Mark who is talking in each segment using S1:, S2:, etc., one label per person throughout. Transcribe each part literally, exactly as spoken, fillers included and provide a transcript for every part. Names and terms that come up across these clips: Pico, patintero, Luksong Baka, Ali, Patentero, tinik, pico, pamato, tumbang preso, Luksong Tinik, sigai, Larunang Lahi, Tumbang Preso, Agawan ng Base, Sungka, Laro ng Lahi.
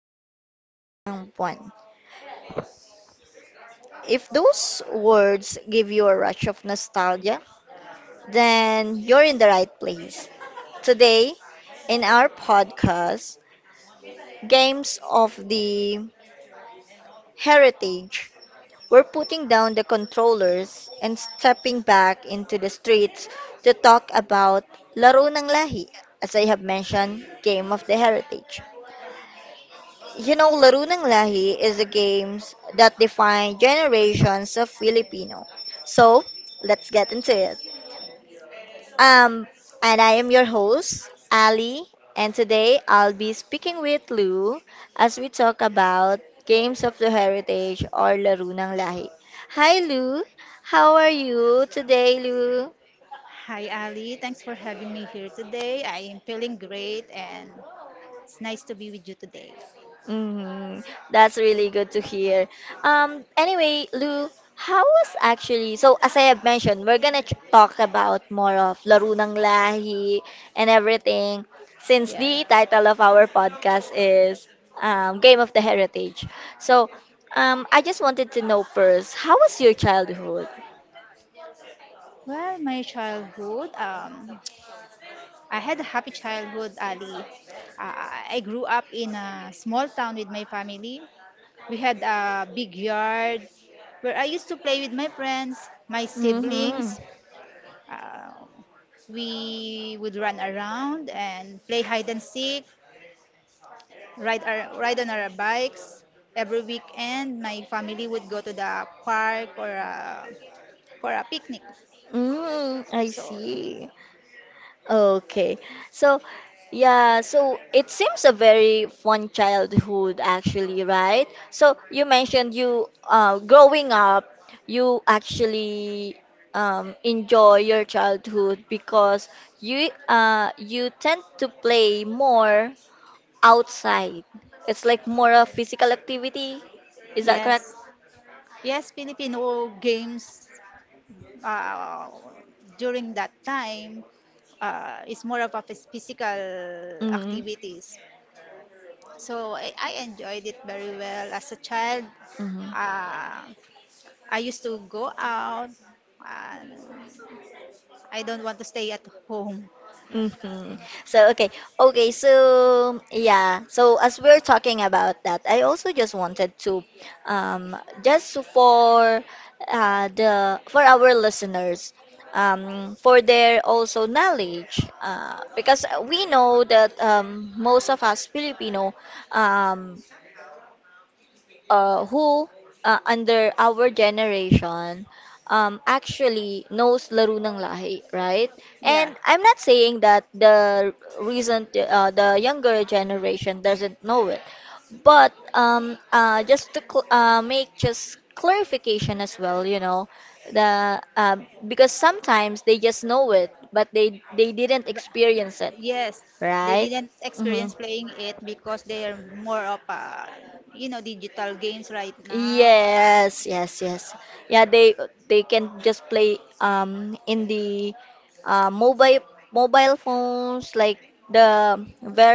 S1: maliwanag ang buwan. If those words give you a rush of nostalgia, then you're in the right place. Today, in our podcast, Games of the Heritage, we're putting down the controllers and stepping back into the streets to talk about Laro ng Lahi, as I have mentioned, Game of the Heritage. You know, Larunang Lahi is a game that defined generations of Filipino. So, let's get into it. Um, and I am your host, Ali, and today I'll be speaking with Lou as we talk about Games of the Heritage or Larunang Lahi. Hi, Lou. How are you today, Lou?
S2: Hi, Ali. Thanks for having me here today. I am feeling great and it's nice to be with you today.
S1: Mhm. That's really good to hear. Um, anyway, Lou, how was actually, so as I have mentioned, we're gonna ch- talk about more of Laro ng Lahi and everything, since
S2: Yeah.
S1: the title of our podcast is um, Game of the Heritage. So, um, I just wanted to know first, how was your childhood?
S2: Well, my childhood, um, I had a happy childhood, Ali. Uh, I grew up in a small town with my family. We had a big yard where I used to play with my friends, my
S1: Mm-hmm.
S2: siblings. Uh, we would run around and play hide and seek. Ride our ride on our bikes every weekend. My family would go to the park or a, for a picnic.
S1: Mm, I
S2: So
S1: see. Okay. So, yeah, so it seems a very fun childhood actually, right? So you mentioned you uh growing up, you actually um enjoy your childhood because you uh you tend to play more outside. It's like more of physical activity. Is that correct?
S2: yes, yes, Filipino games uh, during that time uh, is more of a phys- physical
S1: Mm-hmm.
S2: activities. So I, I enjoyed it very well as a child.
S1: Mm-hmm.
S2: Uh, I used to go out, and I don't want to stay at home.
S1: Hmm. So okay, okay. So yeah. So as we're talking about that, I also just wanted to, um, just for uh, the for our listeners, um, for their also knowledge, uh, because we know that um, most of us Filipino, um, uh, who uh, under our generation um, actually knows Laro ng Lahi, right?
S2: Yeah.
S1: And I'm not saying that the recent, uh, the younger generation doesn't know it, but
S2: But-
S1: um, uh, just to cl- uh, make just clarification as well, you know, the uh, because sometimes they just know it, but they they didn't experience it,
S2: Yes, they
S1: right?
S2: didn't
S1: Mm-hmm.
S2: experience playing it because they are more of uh, you know digital games right now. Uh,
S1: Yes, yes, yes. Yeah, they they can just play um in the uh, mobile mobile phones like the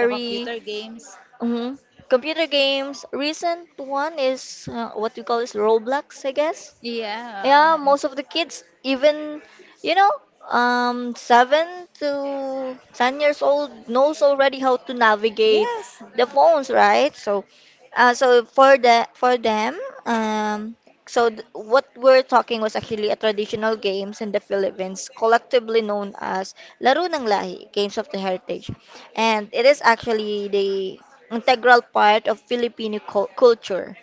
S2: The computer games.
S1: mhm, computer games. Recent one is uh, what you call is Roblox, I guess. Yeah,
S2: Yeah.
S1: most of the kids, even, you know, um, seven to ten years old knows already how to navigate
S2: Yes.
S1: the phones, right? So, uh, so for the for them, um, so th what we're talking was actually a traditional games in the Philippines, collectively known as Laro ng Lahi, Games of the Heritage, and it is actually the integral part of Filipino cul- culture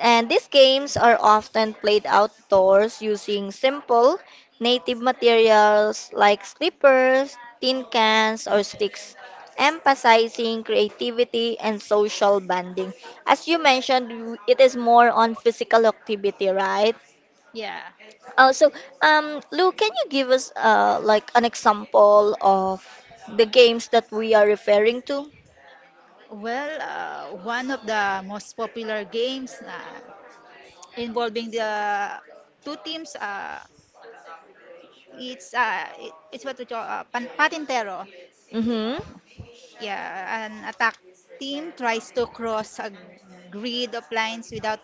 S1: and these games are often played outdoors using simple native materials like slippers, tin cans, or sticks, emphasizing creativity and social bonding. As you mentioned, you- it is more on physical activity, right?
S2: Yeah.
S1: Also, um, Lou, can you give us uh, like an example of the games that we are referring to?
S2: Well, uh, one of the most popular games uh, involving the two teams, uh, it's uh, it- it's what we call uh, pan- patintero.
S1: Mm-hmm.
S2: Yeah, an attack team tries to cross a grid of lines without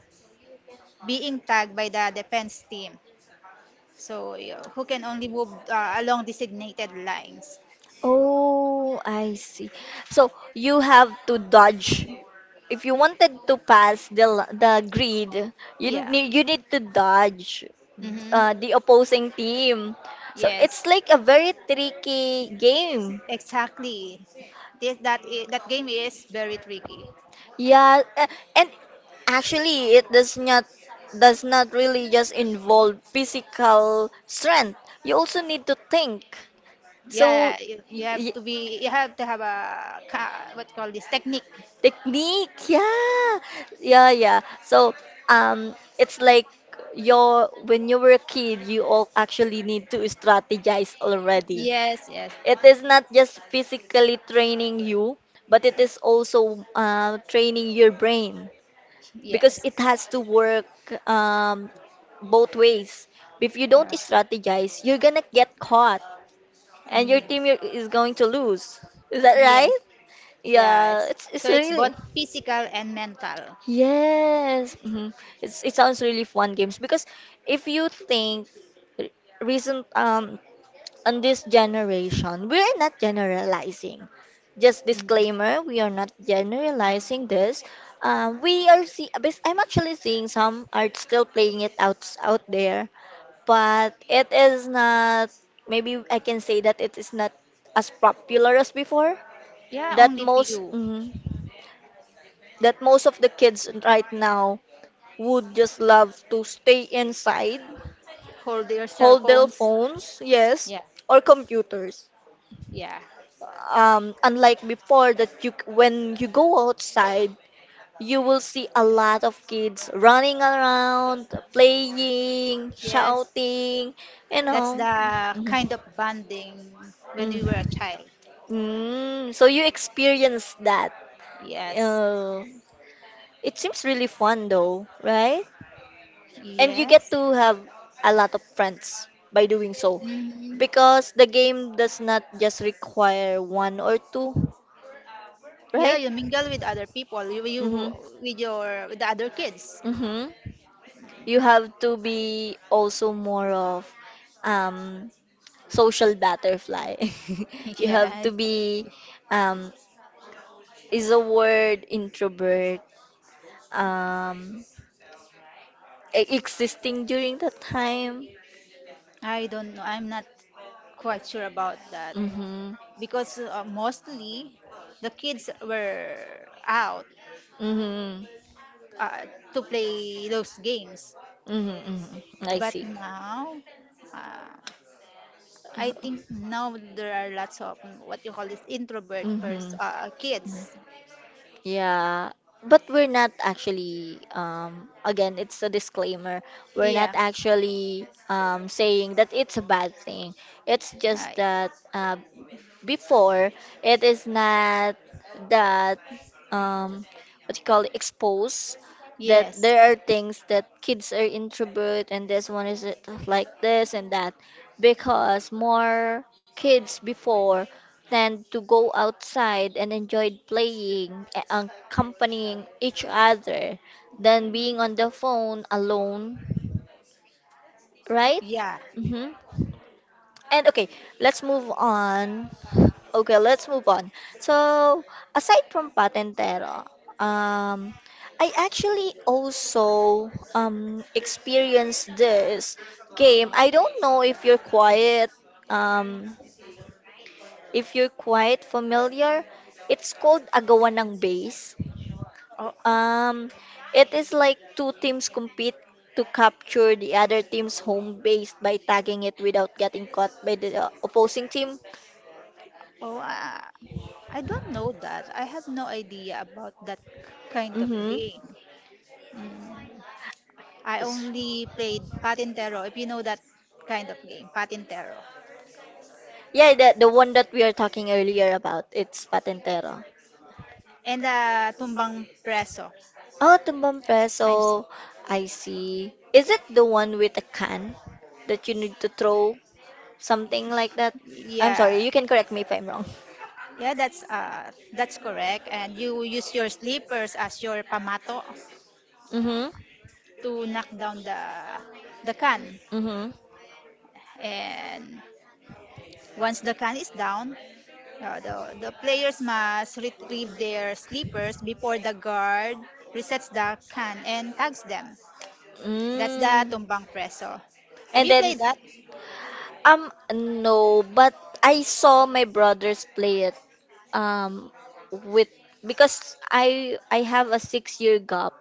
S2: being tagged by the defense team. So, y- who can only move uh, along designated lines.
S1: Oh, I see. So you have to dodge. If you wanted to pass the l- the grid, you
S2: Yeah.
S1: need you need to dodge
S2: Mm-hmm.
S1: uh, the opposing team. So
S2: Yes.
S1: it's like a very tricky game.
S2: Exactly. This, that i- that game is very tricky.
S1: Yeah, a- and actually it does not does not really just involve physical strength. You also need to think.
S2: Yeah, yeah,
S1: So
S2: you,
S1: y-
S2: you have
S1: y-
S2: to be you have to have a ca- what you call this technique.
S1: technique, yeah, yeah, yeah. So, um, it's like your when you were a kid, you all actually need to strategize already.
S2: Yes, yes,
S1: It is not just physically training you, but it is also uh, training your brain because
S2: yes.
S1: it has to work um, both ways. If you don't
S2: Yes.
S1: strategize, you're gonna get caught, and your
S2: Mm.
S1: team i- is going to lose. Is that
S2: Yes.
S1: right?
S2: Yeah.
S1: Yeah,
S2: It's,
S1: it's it's
S2: so it's
S1: really.
S2: both physical and mental.
S1: Yes, mhm. It's it sounds really fun games because if you think re- recent um on this generation, we are not generalizing. Just
S2: Mhm.
S1: disclaimer, we are not generalizing this. Um, we are see. Bas- I'm actually seeing some are still playing it out out there, but it is not. Maybe I can say that it is not as popular as before.
S2: Yeah,
S1: That
S2: only
S1: most.
S2: few.
S1: mhm that most of the kids right now would just love to stay inside,
S2: Hold their cell
S1: hold their
S2: phones.
S1: phones, yes,
S2: Yeah,
S1: or computers.
S2: yeah.
S1: Um, unlike before that you when you go outside, you will see a lot of kids running around, playing,
S2: Yes.
S1: shouting, you
S2: That's
S1: know.
S2: the
S1: Mhm.
S2: kind of bonding when we were a
S1: Mm.
S2: child.
S1: Mm, so you experience that.
S2: Yes.
S1: Uh, it seems really fun though, right? And you get
S2: Yes.
S1: to have a lot of friends by doing so,
S2: Mhm.
S1: because the game does not just require one or two,
S2: Yeah,
S1: right?
S2: you mingle with other people. You, you
S1: Mm-hmm.
S2: with your with the other kids.
S1: Mm-hmm. You have to be also more of um social butterfly. You have
S2: Yeah.
S1: to be um is a word introvert um e- existing during that time.
S2: I don't know. I'm not quite sure about that.
S1: Mm-hmm.
S2: Because uh, mostly the kids were out
S1: Mm-hmm.
S2: uh, to play those games.
S1: Mm-hmm, mm-hmm. I
S2: But
S1: see.
S2: now, uh, I think now there are lots of mm, what you call this introvert pers-
S1: Mm-hmm.
S2: uh, kids.
S1: Yeah, but we're not actually, um, again, it's a disclaimer. We're not
S2: Yeah,
S1: actually um, saying that it's a bad thing. It's just
S2: I.
S1: that uh, before it is not that um what you call it, exposed, that
S2: Yes.
S1: there are things that kids are introvert and this one is it like this and that, because more kids before tend to go outside and enjoyed playing a- and accompanying each other than being on the phone alone, right?
S2: Yeah.
S1: Mm-hmm. And okay, let's move on. Okay, let's move on. So, aside from Patentero, um, I actually also um, experienced this game. I don't know if you're quite um, if you're quite familiar. It's called Agawan ng Base.
S2: Oh,
S1: Um, it is like two teams compete to capture the other team's home base by tagging it without getting caught by the uh, opposing team.
S2: oh, uh, I don't know that. I have no idea about that kind of
S1: Mm-hmm.
S2: game. Mm. I only played Patintero, if you know that kind of game, Patintero.
S1: Yeah, the the one that we are talking earlier about, it's Patentero.
S2: And the tumbang preso.
S1: Oh, Tumbang
S2: I'm sorry.
S1: Preso. I see. Is it the one with a can that you need to throw, something like that? I'm
S2: Yeah.
S1: sorry, you can correct me if I'm wrong.
S2: Yeah, that's uh that's correct. And you use your slippers as your pamato
S1: Mm-hmm.
S2: to knock down the the can.
S1: Mm-hmm.
S2: And once the can is down, uh, the the players must retrieve their slippers before the guard resets the can and tags them. That's the
S1: Mm.
S2: tumbang preso. Have
S1: And
S2: you
S1: then
S2: played that?
S1: um no, but I saw my brothers play it um with because I I have a six year gap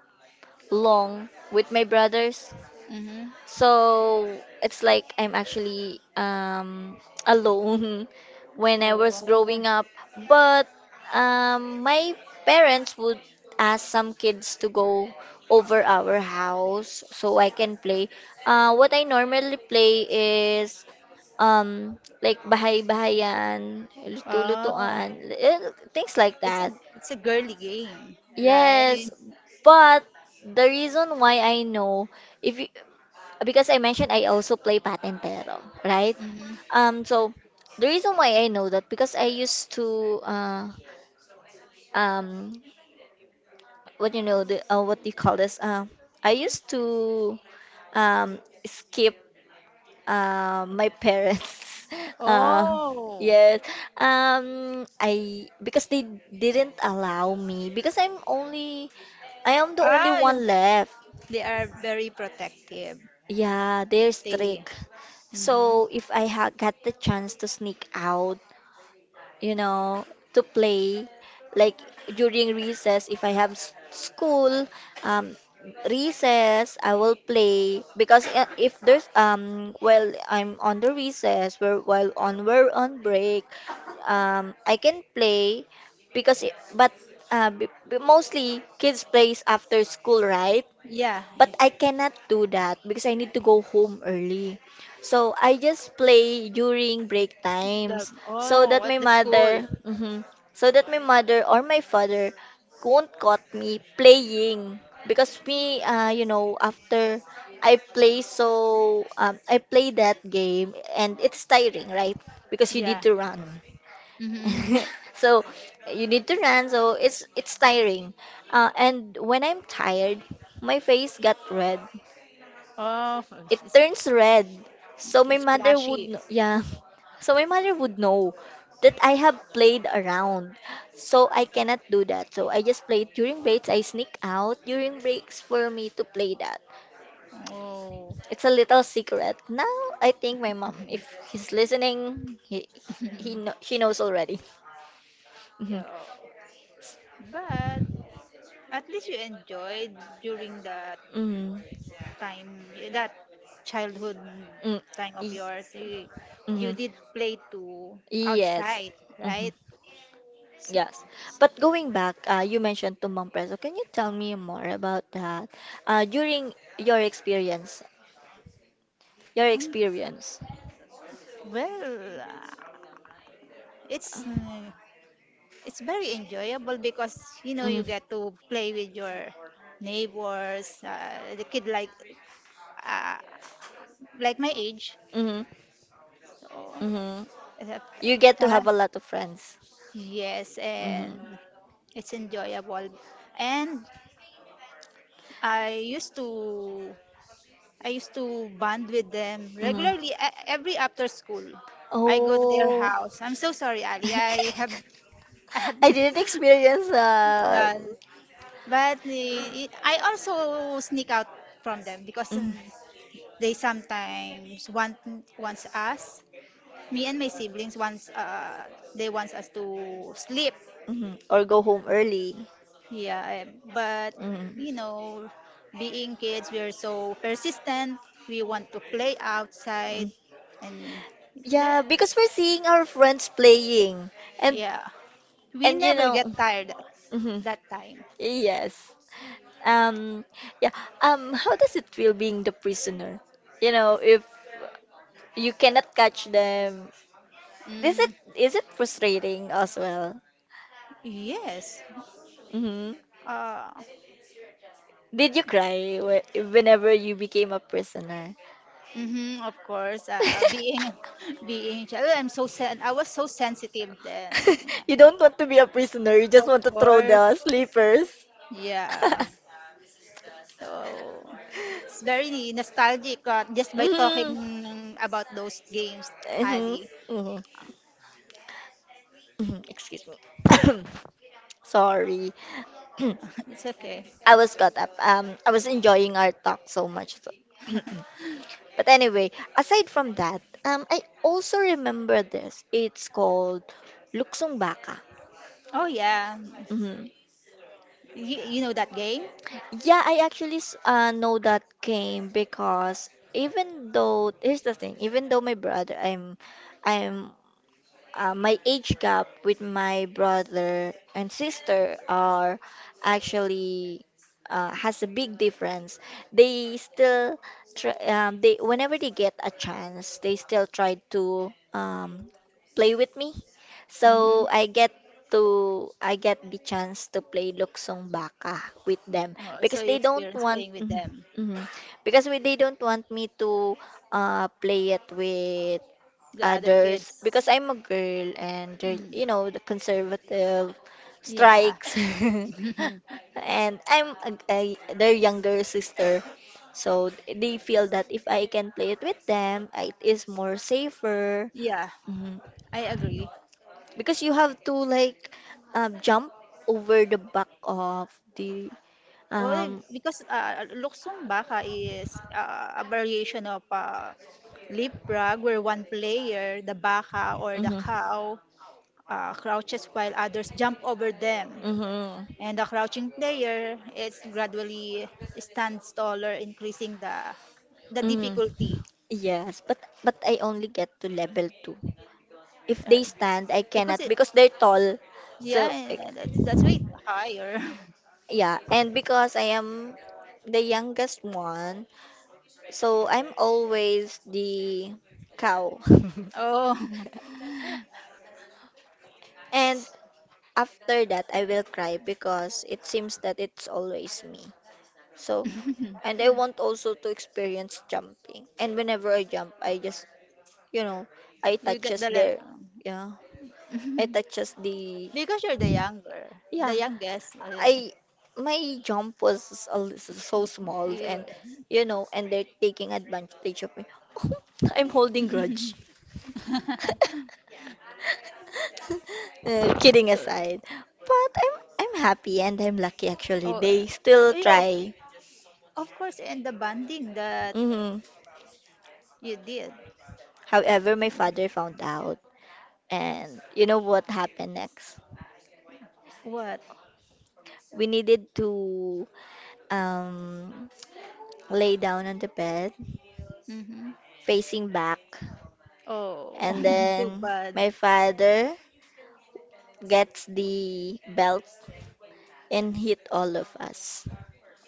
S1: long with my brothers.
S2: Mm-hmm.
S1: So it's like I'm actually um, alone when I was
S2: Oh.
S1: growing up. But um, my parents would ask some kids to go over our house so I can play. Uh, what I normally play is um, like bahay-bahayan,
S2: Oh.
S1: luto-lutuan, eh, things like
S2: It's
S1: that.
S2: a it's a girly game,
S1: Yes,
S2: right?
S1: but the reason why I know, if you, because I mentioned I also play Patentero, right?
S2: Mm-hmm.
S1: Um, so the reason why I know that, because I used to uh, um, what you know the uh, what do you call this? Uh, I used to um, skip uh, my parents. Uh,
S2: Oh.
S1: yes. Um, I Because they didn't allow me, because I'm only I am the only
S2: Oh, yeah.
S1: one left.
S2: They are very protective.
S1: Yeah, they're
S2: They.
S1: strict.
S2: Hmm.
S1: So if I ha got the chance to sneak out, you know, to play, like during recess, if I have s school, um, recess, I will play because i- if there's um, well, I'm on the recess, we're while on we're on break, um, I can play because it, but uh, b b- mostly kids plays after school, right?
S2: Yeah,
S1: But I cannot do that because I need to go home early. So I just play during break
S2: the
S1: times, so
S2: oh,
S1: that
S2: at
S1: my
S2: the school.
S1: mother, mhm, so that my mother or my father won't caught me playing, because me, uh, you know, after I play so um, I play that game and it's tiring, right? Because you need
S2: Yeah.
S1: to run.
S2: Hmm.
S1: So you need to run, so it's it's tiring. Uh, and when I'm tired, my face got red.
S2: Oh, it's,
S1: It
S2: it's
S1: turns red, so my
S2: it's
S1: mother would
S2: flashy.
S1: kn- yeah so my mother would know that I have played around, so I cannot do that. So I just play during breaks. I sneak out during breaks for me to play that.
S2: Oh.
S1: It's a little secret now. I think my mom, if he's listening, he he, kno- she knows already.
S2: Yeah,
S1: Mhm.
S2: but at least you enjoyed during that
S1: Mm.
S2: time, that childhood
S1: Mm,
S2: time of
S1: y-
S2: yours. You,
S1: mhm.
S2: you did play too
S1: Yes.
S2: outside,
S1: Hmm.
S2: right?
S1: Yes. But going back, uh, you mentioned Tumbang Preso. Can you tell me more about that? Uh, during your experience, your
S2: Mm,
S1: experience.
S2: Well, uh, it's mm, it's very enjoyable because you know
S1: Hmm.
S2: you get to play with your neighbors, uh, the kid like uh, like my age.
S1: Hmm.
S2: So,
S1: Hmm.
S2: uh,
S1: You get to have
S2: time.
S1: a lot of friends.
S2: Yes,
S1: Hmm.
S2: and it's enjoyable. And I used to I used to bond with them
S1: Hmm.
S2: regularly, e- every after school. I go to their
S1: Oh,
S2: house. I'm so sorry, Ali. I have I have
S1: I didn't experience that.
S2: yeah, but eh, it- I also sneak out from them because
S1: Mhm,
S2: um, they sometimes want wants us, me and my siblings wants uh, they wants us to sleep.
S1: mhm. Or go home early.
S2: Yeah, eh, but
S1: Mm.
S2: you know, being kids, we are so persistent. We want to play
S1: Mm.
S2: outside, and
S1: Yeah,
S2: that,
S1: because we're seeing our friends playing, and
S2: yeah, we
S1: and you
S2: never
S1: know.
S2: get tired at
S1: Hmm.
S2: that time.
S1: Yes. Um, yeah. Um, how does it feel being the prisoner? You know, if you cannot catch them, is it
S2: Mm,
S1: is it frustrating as well?
S2: yes,
S1: Mm-hmm.
S2: uh,
S1: Did you cry whe- whenever you became a prisoner?
S2: mhm, of course. Uh, being, being child, I'm so sen- I was so sensitive then.
S1: You don't want to be a prisoner, you just
S2: Of
S1: want to throw
S2: course,
S1: the sleepers.
S2: yeah. So it's very nostalgic uh, just by
S1: Mhm,
S2: talking about those games,
S1: mhm,
S2: Ali.
S1: mhm, mhm. Excuse me. Sorry.
S2: It's okay.
S1: I was caught up. Um, I was enjoying our talk so much. So. But anyway, aside from that, um, I also remember this. It's called Luksong Baka.
S2: Oh yeah,
S1: Mhm.
S2: you, you know that game?
S1: Yeah, I actually s- uh, know that game because, even though here's the thing, even though my brother, I'm I'm uh, my age gap with my brother and sister are actually uh, has a big difference. They still try, um, they Whenever they get a chance, they still try to um, play with me.
S2: Hmm.
S1: So I get to I get the chance to play Luksong Baka with them
S2: Oh, so
S1: because
S2: you
S1: they don't
S2: experience
S1: want
S2: playing with
S1: mhm,
S2: them,
S1: mhm. Because we, they don't want me to uh, play it with
S2: the other
S1: others
S2: kids.
S1: because I'm a girl and uh,
S2: Mm,
S1: you know the conservative
S2: yeah.
S1: strikes and I'm a, a, their younger sister, so they feel that if I can play it with them it is more safer.
S2: Yeah,
S1: Mhm.
S2: I agree.
S1: Because you have to like um, jump over the back of the
S2: Well,
S1: um
S2: because uh, Luksong Baka is uh, a variation of uh, leapfrog where one player, the baka or the
S1: mhm.
S2: cow, uh, crouches while others jump over them.
S1: Mhm.
S2: And the crouching player is gradually stands taller, increasing the the
S1: Mm.
S2: difficulty.
S1: Yes, but but I only get to level two. If
S2: Uh,
S1: they stand, I
S2: because
S1: cannot
S2: it,
S1: because they're tall. So
S2: yeah,
S1: eh,
S2: that's that's way higher.
S1: yeah, and because I am the youngest one, so I'm always the cow.
S2: Oh.
S1: And after that, I will cry because it seems that it's always me. So, and I want also to experience jumping. And whenever I jump, I just, you know, I
S2: You get
S1: touches
S2: the level.
S1: there. Yeah. It touches the,
S2: Because you're the younger, the
S1: yeah.
S2: youngest. Uh,
S1: I My jump was a li- so small and
S2: you.
S1: you know and they're taking advantage of me. I'm holding grudge. Uh, kidding
S2: So,
S1: aside, but I'm I'm happy and I'm lucky actually.
S2: oh,
S1: They still
S2: uh, you,
S1: try.
S2: of course, and the bonding that
S1: Hmm.
S2: you did.
S1: However, my father found out, and you know what happened next.
S2: What?
S1: We needed to um lay down on the bed,
S2: Hmm.
S1: facing back.
S2: Oh,
S1: And
S2: too
S1: then
S2: bad.
S1: my father gets the belt and hit all of us.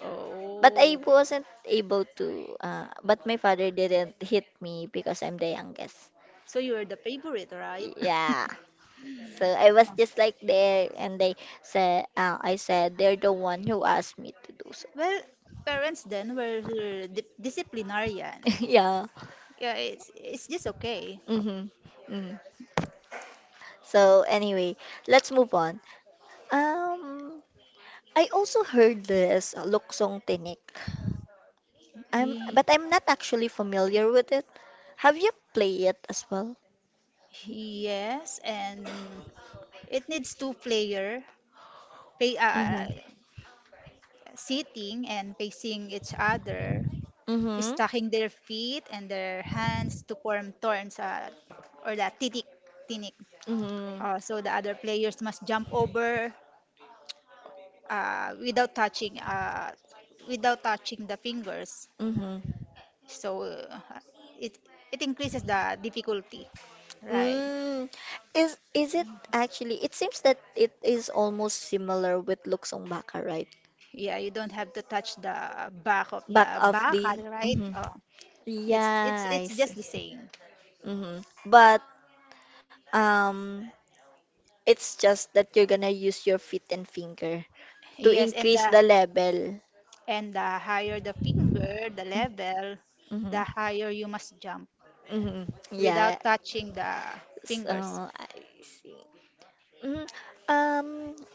S2: Oh,
S1: But I wasn't able to, uh, but my father didn't hit me because I'm the youngest.
S2: so you were the favorite, right?
S1: Yeah. So I was just like there, and they said, uh, I said, they're the one who asked me to do so.
S2: Well, parents then were di- disciplinarian.
S1: Yeah.
S2: Yeah, it's it's just okay.
S1: Mm-hmm. Mm. So anyway, let's move on. Um, I also heard this uh, luksong tinik. I'm
S2: He,
S1: but I'm not actually familiar with it. Have you played it as well?
S2: yes, and it needs two player pay uh,
S1: Mm-hmm.
S2: sitting and facing each other,
S1: Mm-hmm.
S2: stacking their feet and their hands to form thorns, uh, or the tinik tinik.
S1: Mm-hmm.
S2: Uh, so the other players must jump over uh, without touching uh, without touching the fingers.
S1: Mm-hmm.
S2: So uh, it it increases the difficulty, right?
S1: Mm. Is is it actually? It seems that it is almost similar with Luksong Baka, right?
S2: Yeah, you don't have to touch the back of the
S1: Back of
S2: baka,
S1: the.
S2: right?
S1: Mm-hmm.
S2: Oh, it's it's
S1: Yeah, I
S2: it's just
S1: see.
S2: the same.
S1: Mm-hmm. But um, it's just that you're gonna use your feet and finger to
S2: Yes, and
S1: increase
S2: the
S1: the level.
S2: and the higher the finger, the level, the
S1: Mm-hmm.
S2: higher you must jump
S1: Hmm.
S2: without
S1: Yeah.
S2: touching the
S1: So
S2: fingers.
S1: I see. Mm, um,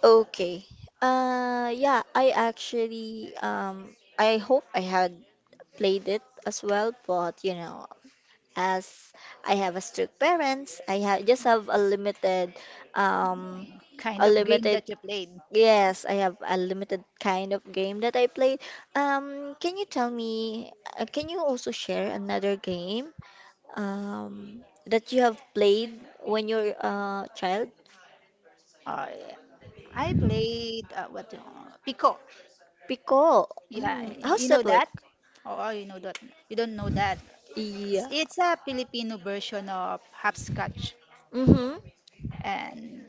S1: okay. Uh, yeah, I actually, um, I hope I had played it as well, but you know, as I have a strict parents, I have just have a limited, um,
S2: Kind
S1: a
S2: of game
S1: limited.
S2: that you played.
S1: Yes, I have a limited kind of game that I played. Um, can you tell me, uh, can you also share another game um, that you have played when you are a child?
S2: Uh, i played uh, what uh, pico.
S1: Pico.
S2: Yeah,
S1: Mm,
S2: you
S1: how's
S2: know
S1: that work?
S2: that. Oh, you know that. You don't know that. It's,
S1: Yeah.
S2: it's a Filipino version of hopscotch,
S1: Mm-hmm.
S2: and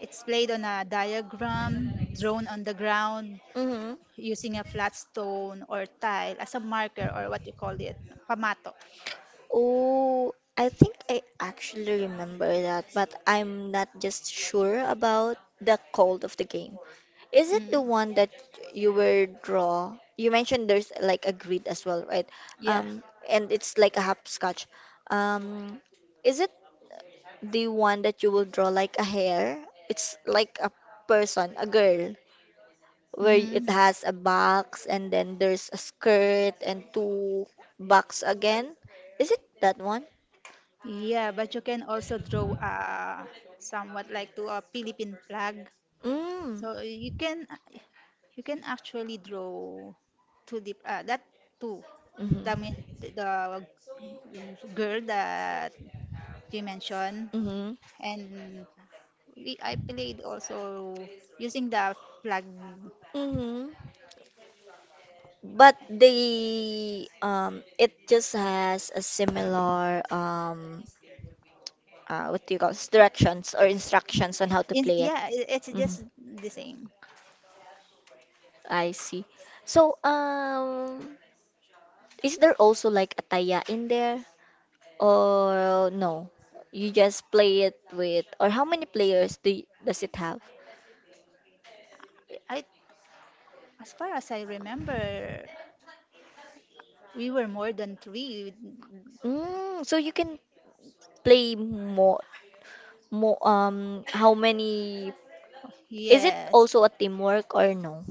S2: it's played on a diagram drawn on the ground
S1: Mm-hmm.
S2: using a flat stone or tile as a marker, or what you call it, pamato.
S1: Oh, I think I actually remember that, but I'm not just sure about the code of the game. Is it the
S2: Mm,
S1: one that you were draw? You mentioned there's like a grid as well, right?
S2: yeah.
S1: Um, and it's like a hopscotch. Um, is it the one that you will draw like a hair? It's like a person, a girl, where it
S2: Hmm.
S1: has a box and then there's a skirt and two box again. Is it that one?
S2: Yeah, but you can also draw a somewhat like to a Philippine flag.
S1: Mm.
S2: So uh, you can you can actually draw two deep, uh, that two. The
S1: Mm-hmm.
S2: mean the the girl that you mentioned,
S1: Mm-hmm.
S2: and we, I played also using the flag.
S1: Mm-hmm. But the um it just has a similar um uh, what do you call this? Directions or instructions on how to
S2: In,
S1: play it.
S2: yeah, i- it's
S1: Mhm.
S2: just the same.
S1: I see. So um is there also like a taya in there or no? You just play it with or how many players do y- does it have?
S2: I As far as I remember, we were more than three.
S1: Mm, so you can play more more um how many is it
S2: Yes.
S1: also a teamwork or no?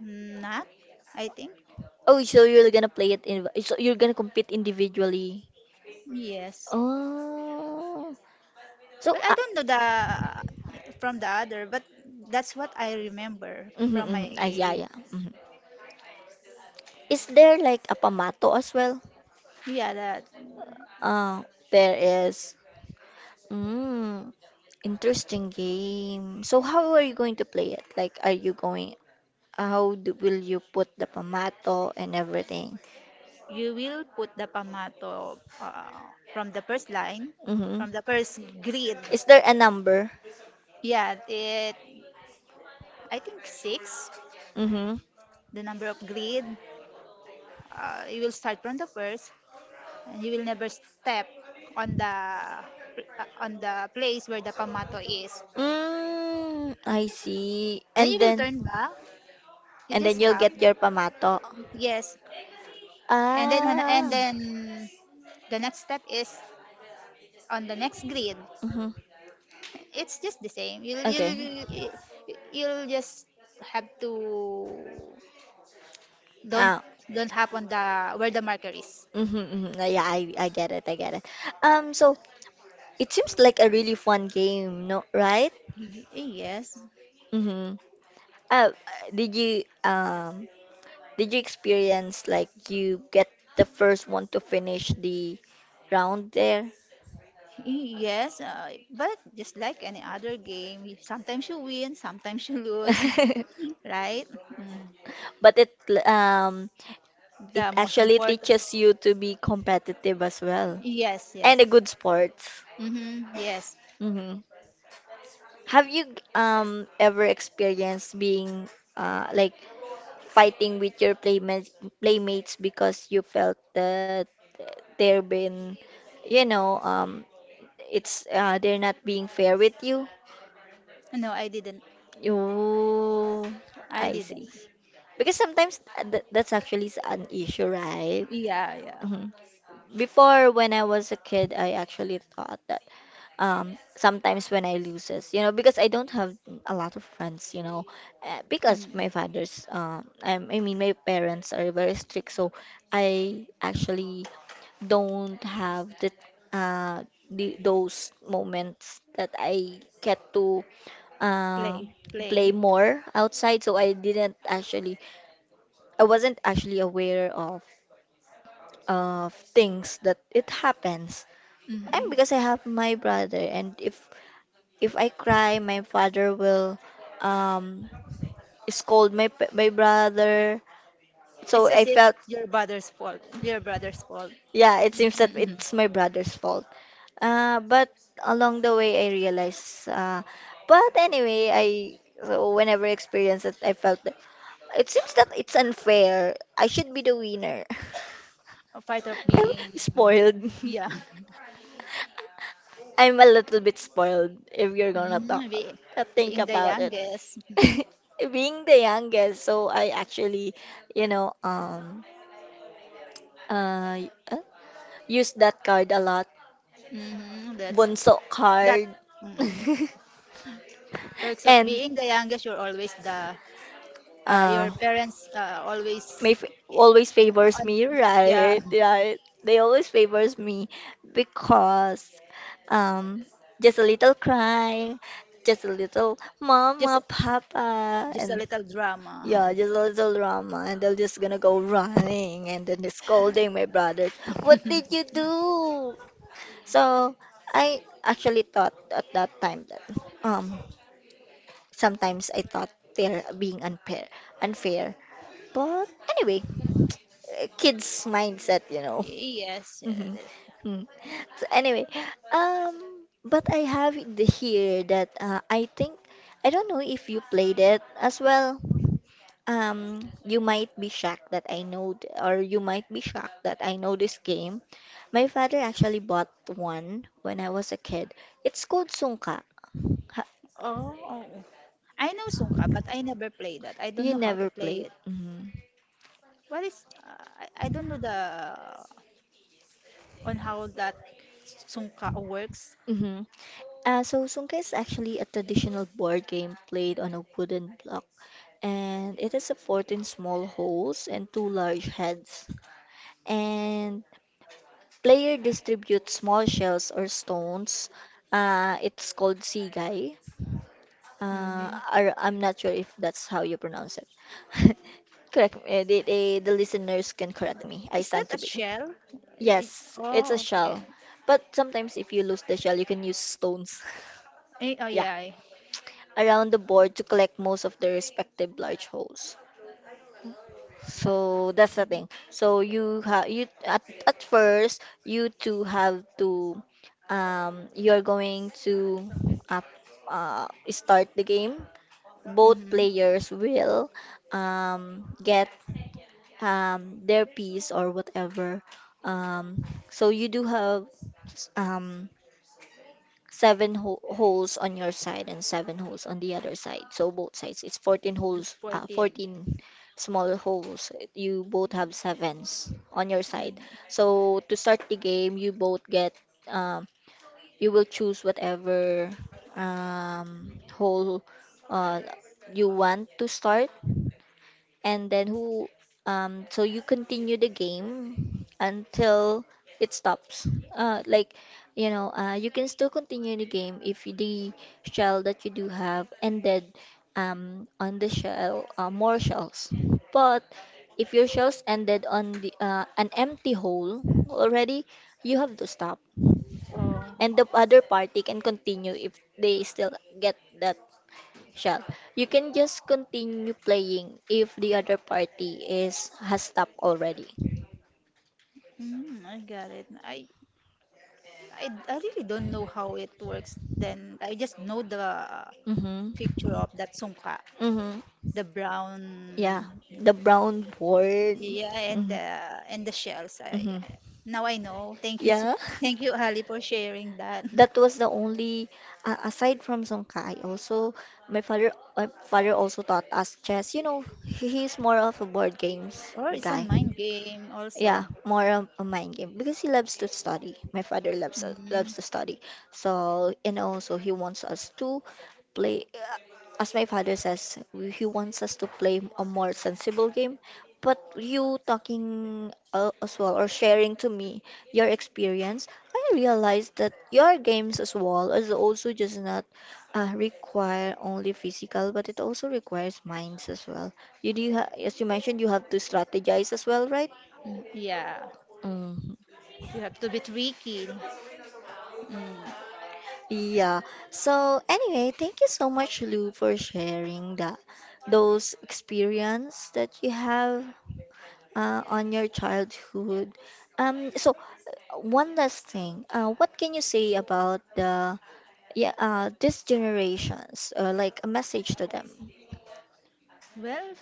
S2: Not, I think.
S1: Oh, so you're gonna play it in, so you're gonna compete individually.
S2: Yes.
S1: Oh, so
S2: But I
S1: uh,
S2: don't know the from the other, but that's what I remember
S1: mm-hmm,
S2: from my.
S1: mm-hmm. Ah, yeah, yeah. Mhm. Is there like a pamato as well?
S2: Yeah, that
S1: Uh, there is. Mm, interesting game. So how are you going to play it? Like, are you going? How do, will you put the pamato and everything?
S2: you will put the pamato uh, from the first line,
S1: Mm-hmm.
S2: from the first grid.
S1: Is there a number?
S2: Yeah, it I think six,
S1: Mm-hmm.
S2: the number of grid. Uh, you will start from the first, and you will never step on the uh, on the place where the pamato is.
S1: Mm, I see.
S2: Then
S1: And
S2: you will
S1: then.
S2: turn back. You
S1: And
S2: just
S1: then you'll
S2: have
S1: get your pamato.
S2: yes, and then and
S1: Ah.
S2: then the next step is on the next grid.
S1: Mm-hmm.
S2: It's just the same. you'll
S1: Okay.
S2: you'll you'll just have to don't
S1: Ah.
S2: don't hop on the where the marker is.
S1: Mm-hmm, mm-hmm. Uh, Yeah, I, I get it. I get it. Um, so it seems like a really fun game, no, right?
S2: Y- yes.
S1: Mm-hmm. Uh, did you um did you experience like you get the first one to finish the round there?
S2: Y- yes, uh, but just like any other game, y- sometimes you win, sometimes you lose. Right. Mm.
S1: But it um it
S2: The most
S1: actually
S2: important.
S1: teaches you to be competitive as well,
S2: Yes, yes.
S1: and a good sports.
S2: Mm-hmm, yes.
S1: Hmm. Have you um ever experienced being uh like fighting with your playmates playmates because you felt that they're been you know um it's uh they're not being fair with you?
S2: No, i didn't
S1: You
S2: i
S1: I see.
S2: didn't
S1: Because sometimes th that's actually s- an issue, right?
S2: Yeah, yeah.
S1: Before, when I was a kid, I actually thought that um, sometimes when I loses, you know, because I don't have a lot of friends, you know, uh, because
S2: Mm.
S1: my father's, uh, I, I mean, my parents are very strict, so I actually don't have the, uh, the those moments that I get to uh,
S2: Play,
S1: play
S2: play.
S1: more outside. So I didn't actually, I wasn't actually aware of of things that it happens I'm
S2: Mm.
S1: because I have my brother, and if if I cry, my father will um scold my p- my brother.
S2: It's
S1: So I
S2: as if
S1: felt,
S2: your brother's fault, your brother's fault.
S1: yeah, it seems that
S2: Mm.
S1: it's my brother's fault. Uh, but along the way, I realized. Uh, but anyway, I so whenever I experienced it, I felt that it seems that it's unfair. I should be the winner.
S2: A part of
S1: I'm
S2: being,
S1: spoiled.
S2: yeah,
S1: I'm a little bit spoiled if you're gonna talk
S2: mm, be,
S1: uh, think
S2: being the
S1: about it.
S2: youngest.
S1: Being the youngest, so I actually, you know, um, uh, uh, use that card a lot.
S2: Mm, that's
S1: Bunso
S2: that
S1: card.
S2: mm, Perks of
S1: And
S2: being the youngest. You're always the, uh,
S1: uh
S2: your parents uh, always,
S1: may f-
S2: eh,
S1: always favors
S2: on,
S1: me,
S2: yeah.
S1: right? Right. They always favors me because um just a little crying, just a little mama, papa,
S2: Just a
S1: and
S2: little drama.
S1: yeah, just a little drama, and they're just gonna go running and then they're scolding my brothers. What did you do? So I actually thought at that time that um sometimes I thought they're being unfair, unfair. But anyway, uh, kids' mindset, you know.
S2: Yes, yes.
S1: Mhm. Mm. So anyway, um, but I have it here that uh, I think I don't know if you played it as well. Um, you might be shocked that I know, th- or you might be shocked that I know this game. My father actually bought one when I was a kid. It's called Sungka. Ha-
S2: Oh, I know Sungka, but I never play that. I don't
S1: You
S2: know how to
S1: never
S2: play
S1: played.
S2: it.
S1: Hmm.
S2: What is? Uh, I I don't know the on how that Sungka works.
S1: Hmm. Uh, so Sungka is actually a traditional board game played on a wooden block, and it has a fourteen small holes and two large heads. And player distributes small shells or stones. Uh, it's called sigai. Uh,
S2: Hmm.
S1: or I'm not sure if that's how you pronounce it. Correct me. eh, The, the, the listeners can correct me. I
S2: Is that
S1: stand to
S2: a
S1: be.
S2: shell? Eh,
S1: Yes, it's a
S2: Oh, okay.
S1: shell. But sometimes if you lose the shell, you can use stones.
S2: Eh, Oh,
S1: Yeah,
S2: yeah.
S1: around the board to collect most of the respective large holes. So that's the thing. So you have you at at first you two have to um you're going to uh, uh start the game. Both
S2: Mm-hmm.
S1: players will um get um their piece or whatever. Um so you do have um seven ho- holes on your side and seven holes on the other side. So both sides, it's fourteen holes, uh,
S2: fourteen.
S1: fourteen small holes. You both have sevens on your side.
S2: Mhm.
S1: So to start the game, you both get, um, you will choose whatever um, hole uh, you want to start and then who um so you continue the game until it stops uh like you know uh you can still continue the game if the shell that you do have ended um on the shell uh, more shells, but if your shells ended on the uh, an empty hole already, you have to stop
S2: Oh,
S1: and the other party can continue if they still get that Shall. You can just continue playing if the other party is has stopped already.
S2: Mm, I got it. I, I, I really don't know how it works then. I just know the uh,
S1: Mm-hmm.
S2: picture of that sungka,
S1: Mm-hmm.
S2: the
S1: Yeah.
S2: brown,
S1: The brown board.
S2: yeah, and
S1: Mm-hmm.
S2: the and the shells. I,
S1: Mm-hmm.
S2: I- now I know. Thank you, s-
S1: Yeah.
S2: thank you, Ali, for sharing that.
S1: That was the only uh, aside from Songka, I also my father my father also taught us chess. You know, he- he's more of a board games
S2: Or it's a
S1: guy.
S2: mind game
S1: Yeah,
S2: also.
S1: more of a mind game because he loves to study. My father loves loves
S2: Mhm.
S1: to study. So, and also he wants us to play, uh, as my father says, he wants us to play a more sensible game. But you talking uh, as well or sharing to me your experience, I realized that your games as well is also just not uh, require only physical, but it also requires minds as well. You do ha as you mentioned, you have to strategize as well, right?
S2: Mm, Yeah,
S1: Mhm.
S2: you have to be tricky. Mm.
S1: Yeah. So anyway, thank you so much, Lou, for sharing that those experience that you have uh, on your childhood. Um, so one last thing, uh, what can you say about the yeah uh, these generations, uh, like a message to them?
S2: Well,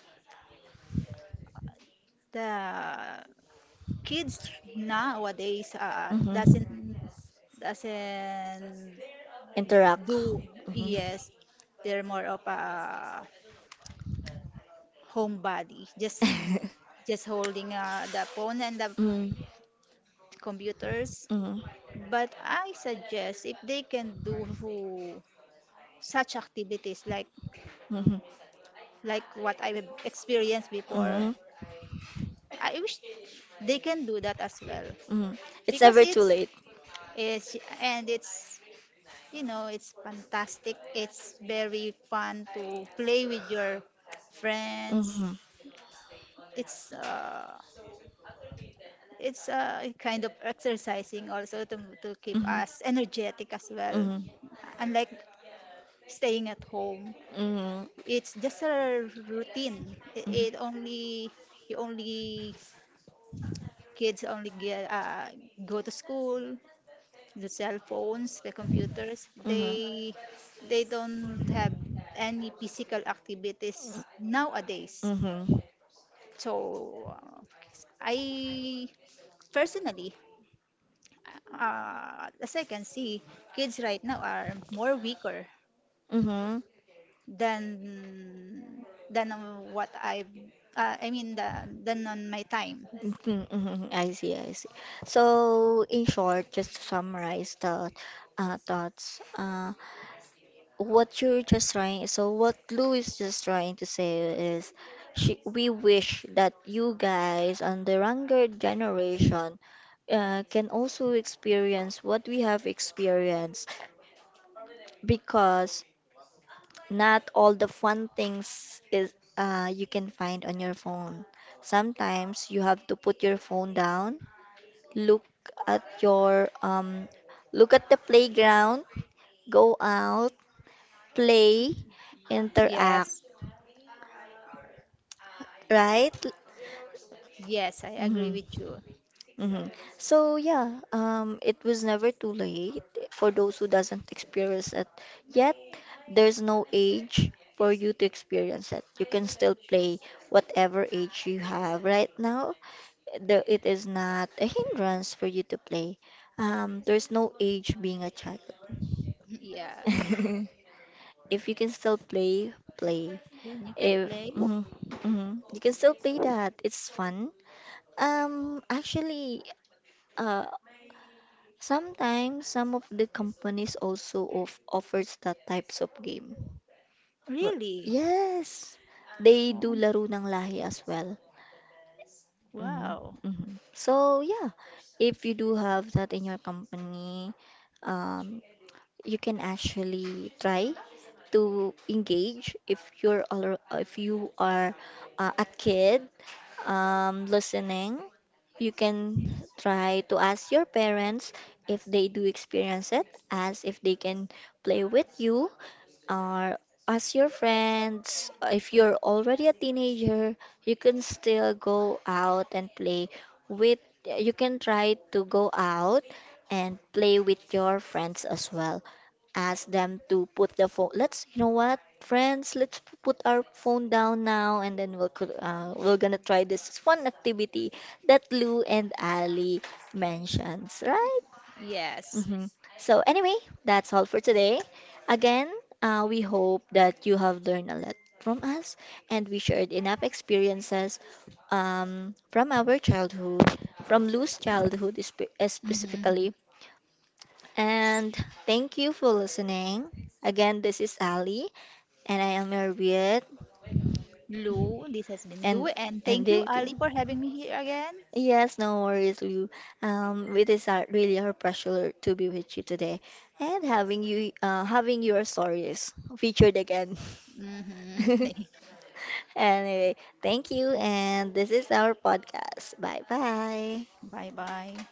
S2: the kids nowadays uh,
S1: Mm-hmm.
S2: doesn't doesn't
S1: Interact.
S2: do.
S1: Mm-hmm.
S2: Yes, they're more of a homebody, just just holding uh, the phone and the
S1: mm-hmm.
S2: computers.
S1: Mm-hmm.
S2: But I suggest if they can do such activities, like
S1: Mm-hmm.
S2: like what I have experienced before.
S1: Mm-hmm.
S2: I wish they can do that as well,
S1: It's
S2: because
S1: never too
S2: it's,
S1: late.
S2: it's and it's you know, it's fantastic. It's very fun to play with your friends.
S1: Mhm.
S2: It's uh, it's uh, kind of exercising also, to to keep us
S1: Mhm.
S2: energetic as well.
S1: Mhm.
S2: Unlike staying at home,
S1: Mhm.
S2: it's just a routine. It, it only, you only kids only get uh, go to school, the cell phones, the computers.
S1: Mhm. Mhm. Mhm.
S2: They they don't have any physical activities nowadays.
S1: Mhm.
S2: So uh, I, personally, uh, as I can see, kids right now are more weaker than than what I uh, I mean the, than on my time.
S1: Mhm, mhm, I see, I see. So, in short, just to summarize the uh, thoughts, uh, what you're just trying so what Lou is just trying to say is she we wish that you guys and the younger generation uh, can also experience what we have experienced because not all the fun things is uh, you can find on your phone. Sometimes you have to put your phone down, look at your um, look at the playground, go out, play, interact.
S2: Yes,
S1: Right?
S2: yes, I agree with
S1: Mm-hmm.
S2: you.
S1: Mm-hmm. So yeah, um, it was never too late for those who doesn't experience it yet. There's no age for you to experience it. You can still play whatever age you have right now. The, it is not a hindrance for you to play. Um, there's no age being a child.
S2: Yeah,
S1: If you can still play, play.
S2: then you can
S1: If
S2: play.
S1: mhm, mhm, you can still play that, it's fun. Um, actually, uh, Sometimes some of the companies also of offers that types of game. Wh-
S2: Really?
S1: Yes, they
S2: Oh,
S1: do laro ng lahi as well. Mhm,
S2: wow.
S1: mhm. So yeah, if you do have that in your company, um, you can actually try to engage if you're al- if you are uh, a kid um, listening, you can try to ask your parents if they do experience it, as if they can play with you, or ask your friends. If you're already a teenager, you can still go out and play with, you can try to go out and play with your friends as well ask them to put the phone. Let's, you know what, friends, let's p- put our phone down now, and then we'll cr- uh, we're gonna try this fun activity that Lou and Ali mentions, right?
S2: Yes.
S1: Hmm. So anyway, that's all for today. Again, uh, we hope that you have learned a lot from us, and we shared enough experiences um, from our childhood, from Lou's childhood spe- uh,
S2: Hmm.
S1: specifically, and thank you for listening. Again, this is Ali, and I am your Viet
S2: Lou, this has been Lou,
S1: and
S2: and
S1: and
S2: thank you, Ali,
S1: dating.
S2: for having me here again.
S1: Yes, no worries. We, um, it is our, really our pleasure to be with you today, and having you, uh, having your stories featured again.
S2: Hmm.
S1: Anyway, thank you, and this is our podcast. Bye bye.
S2: Bye bye.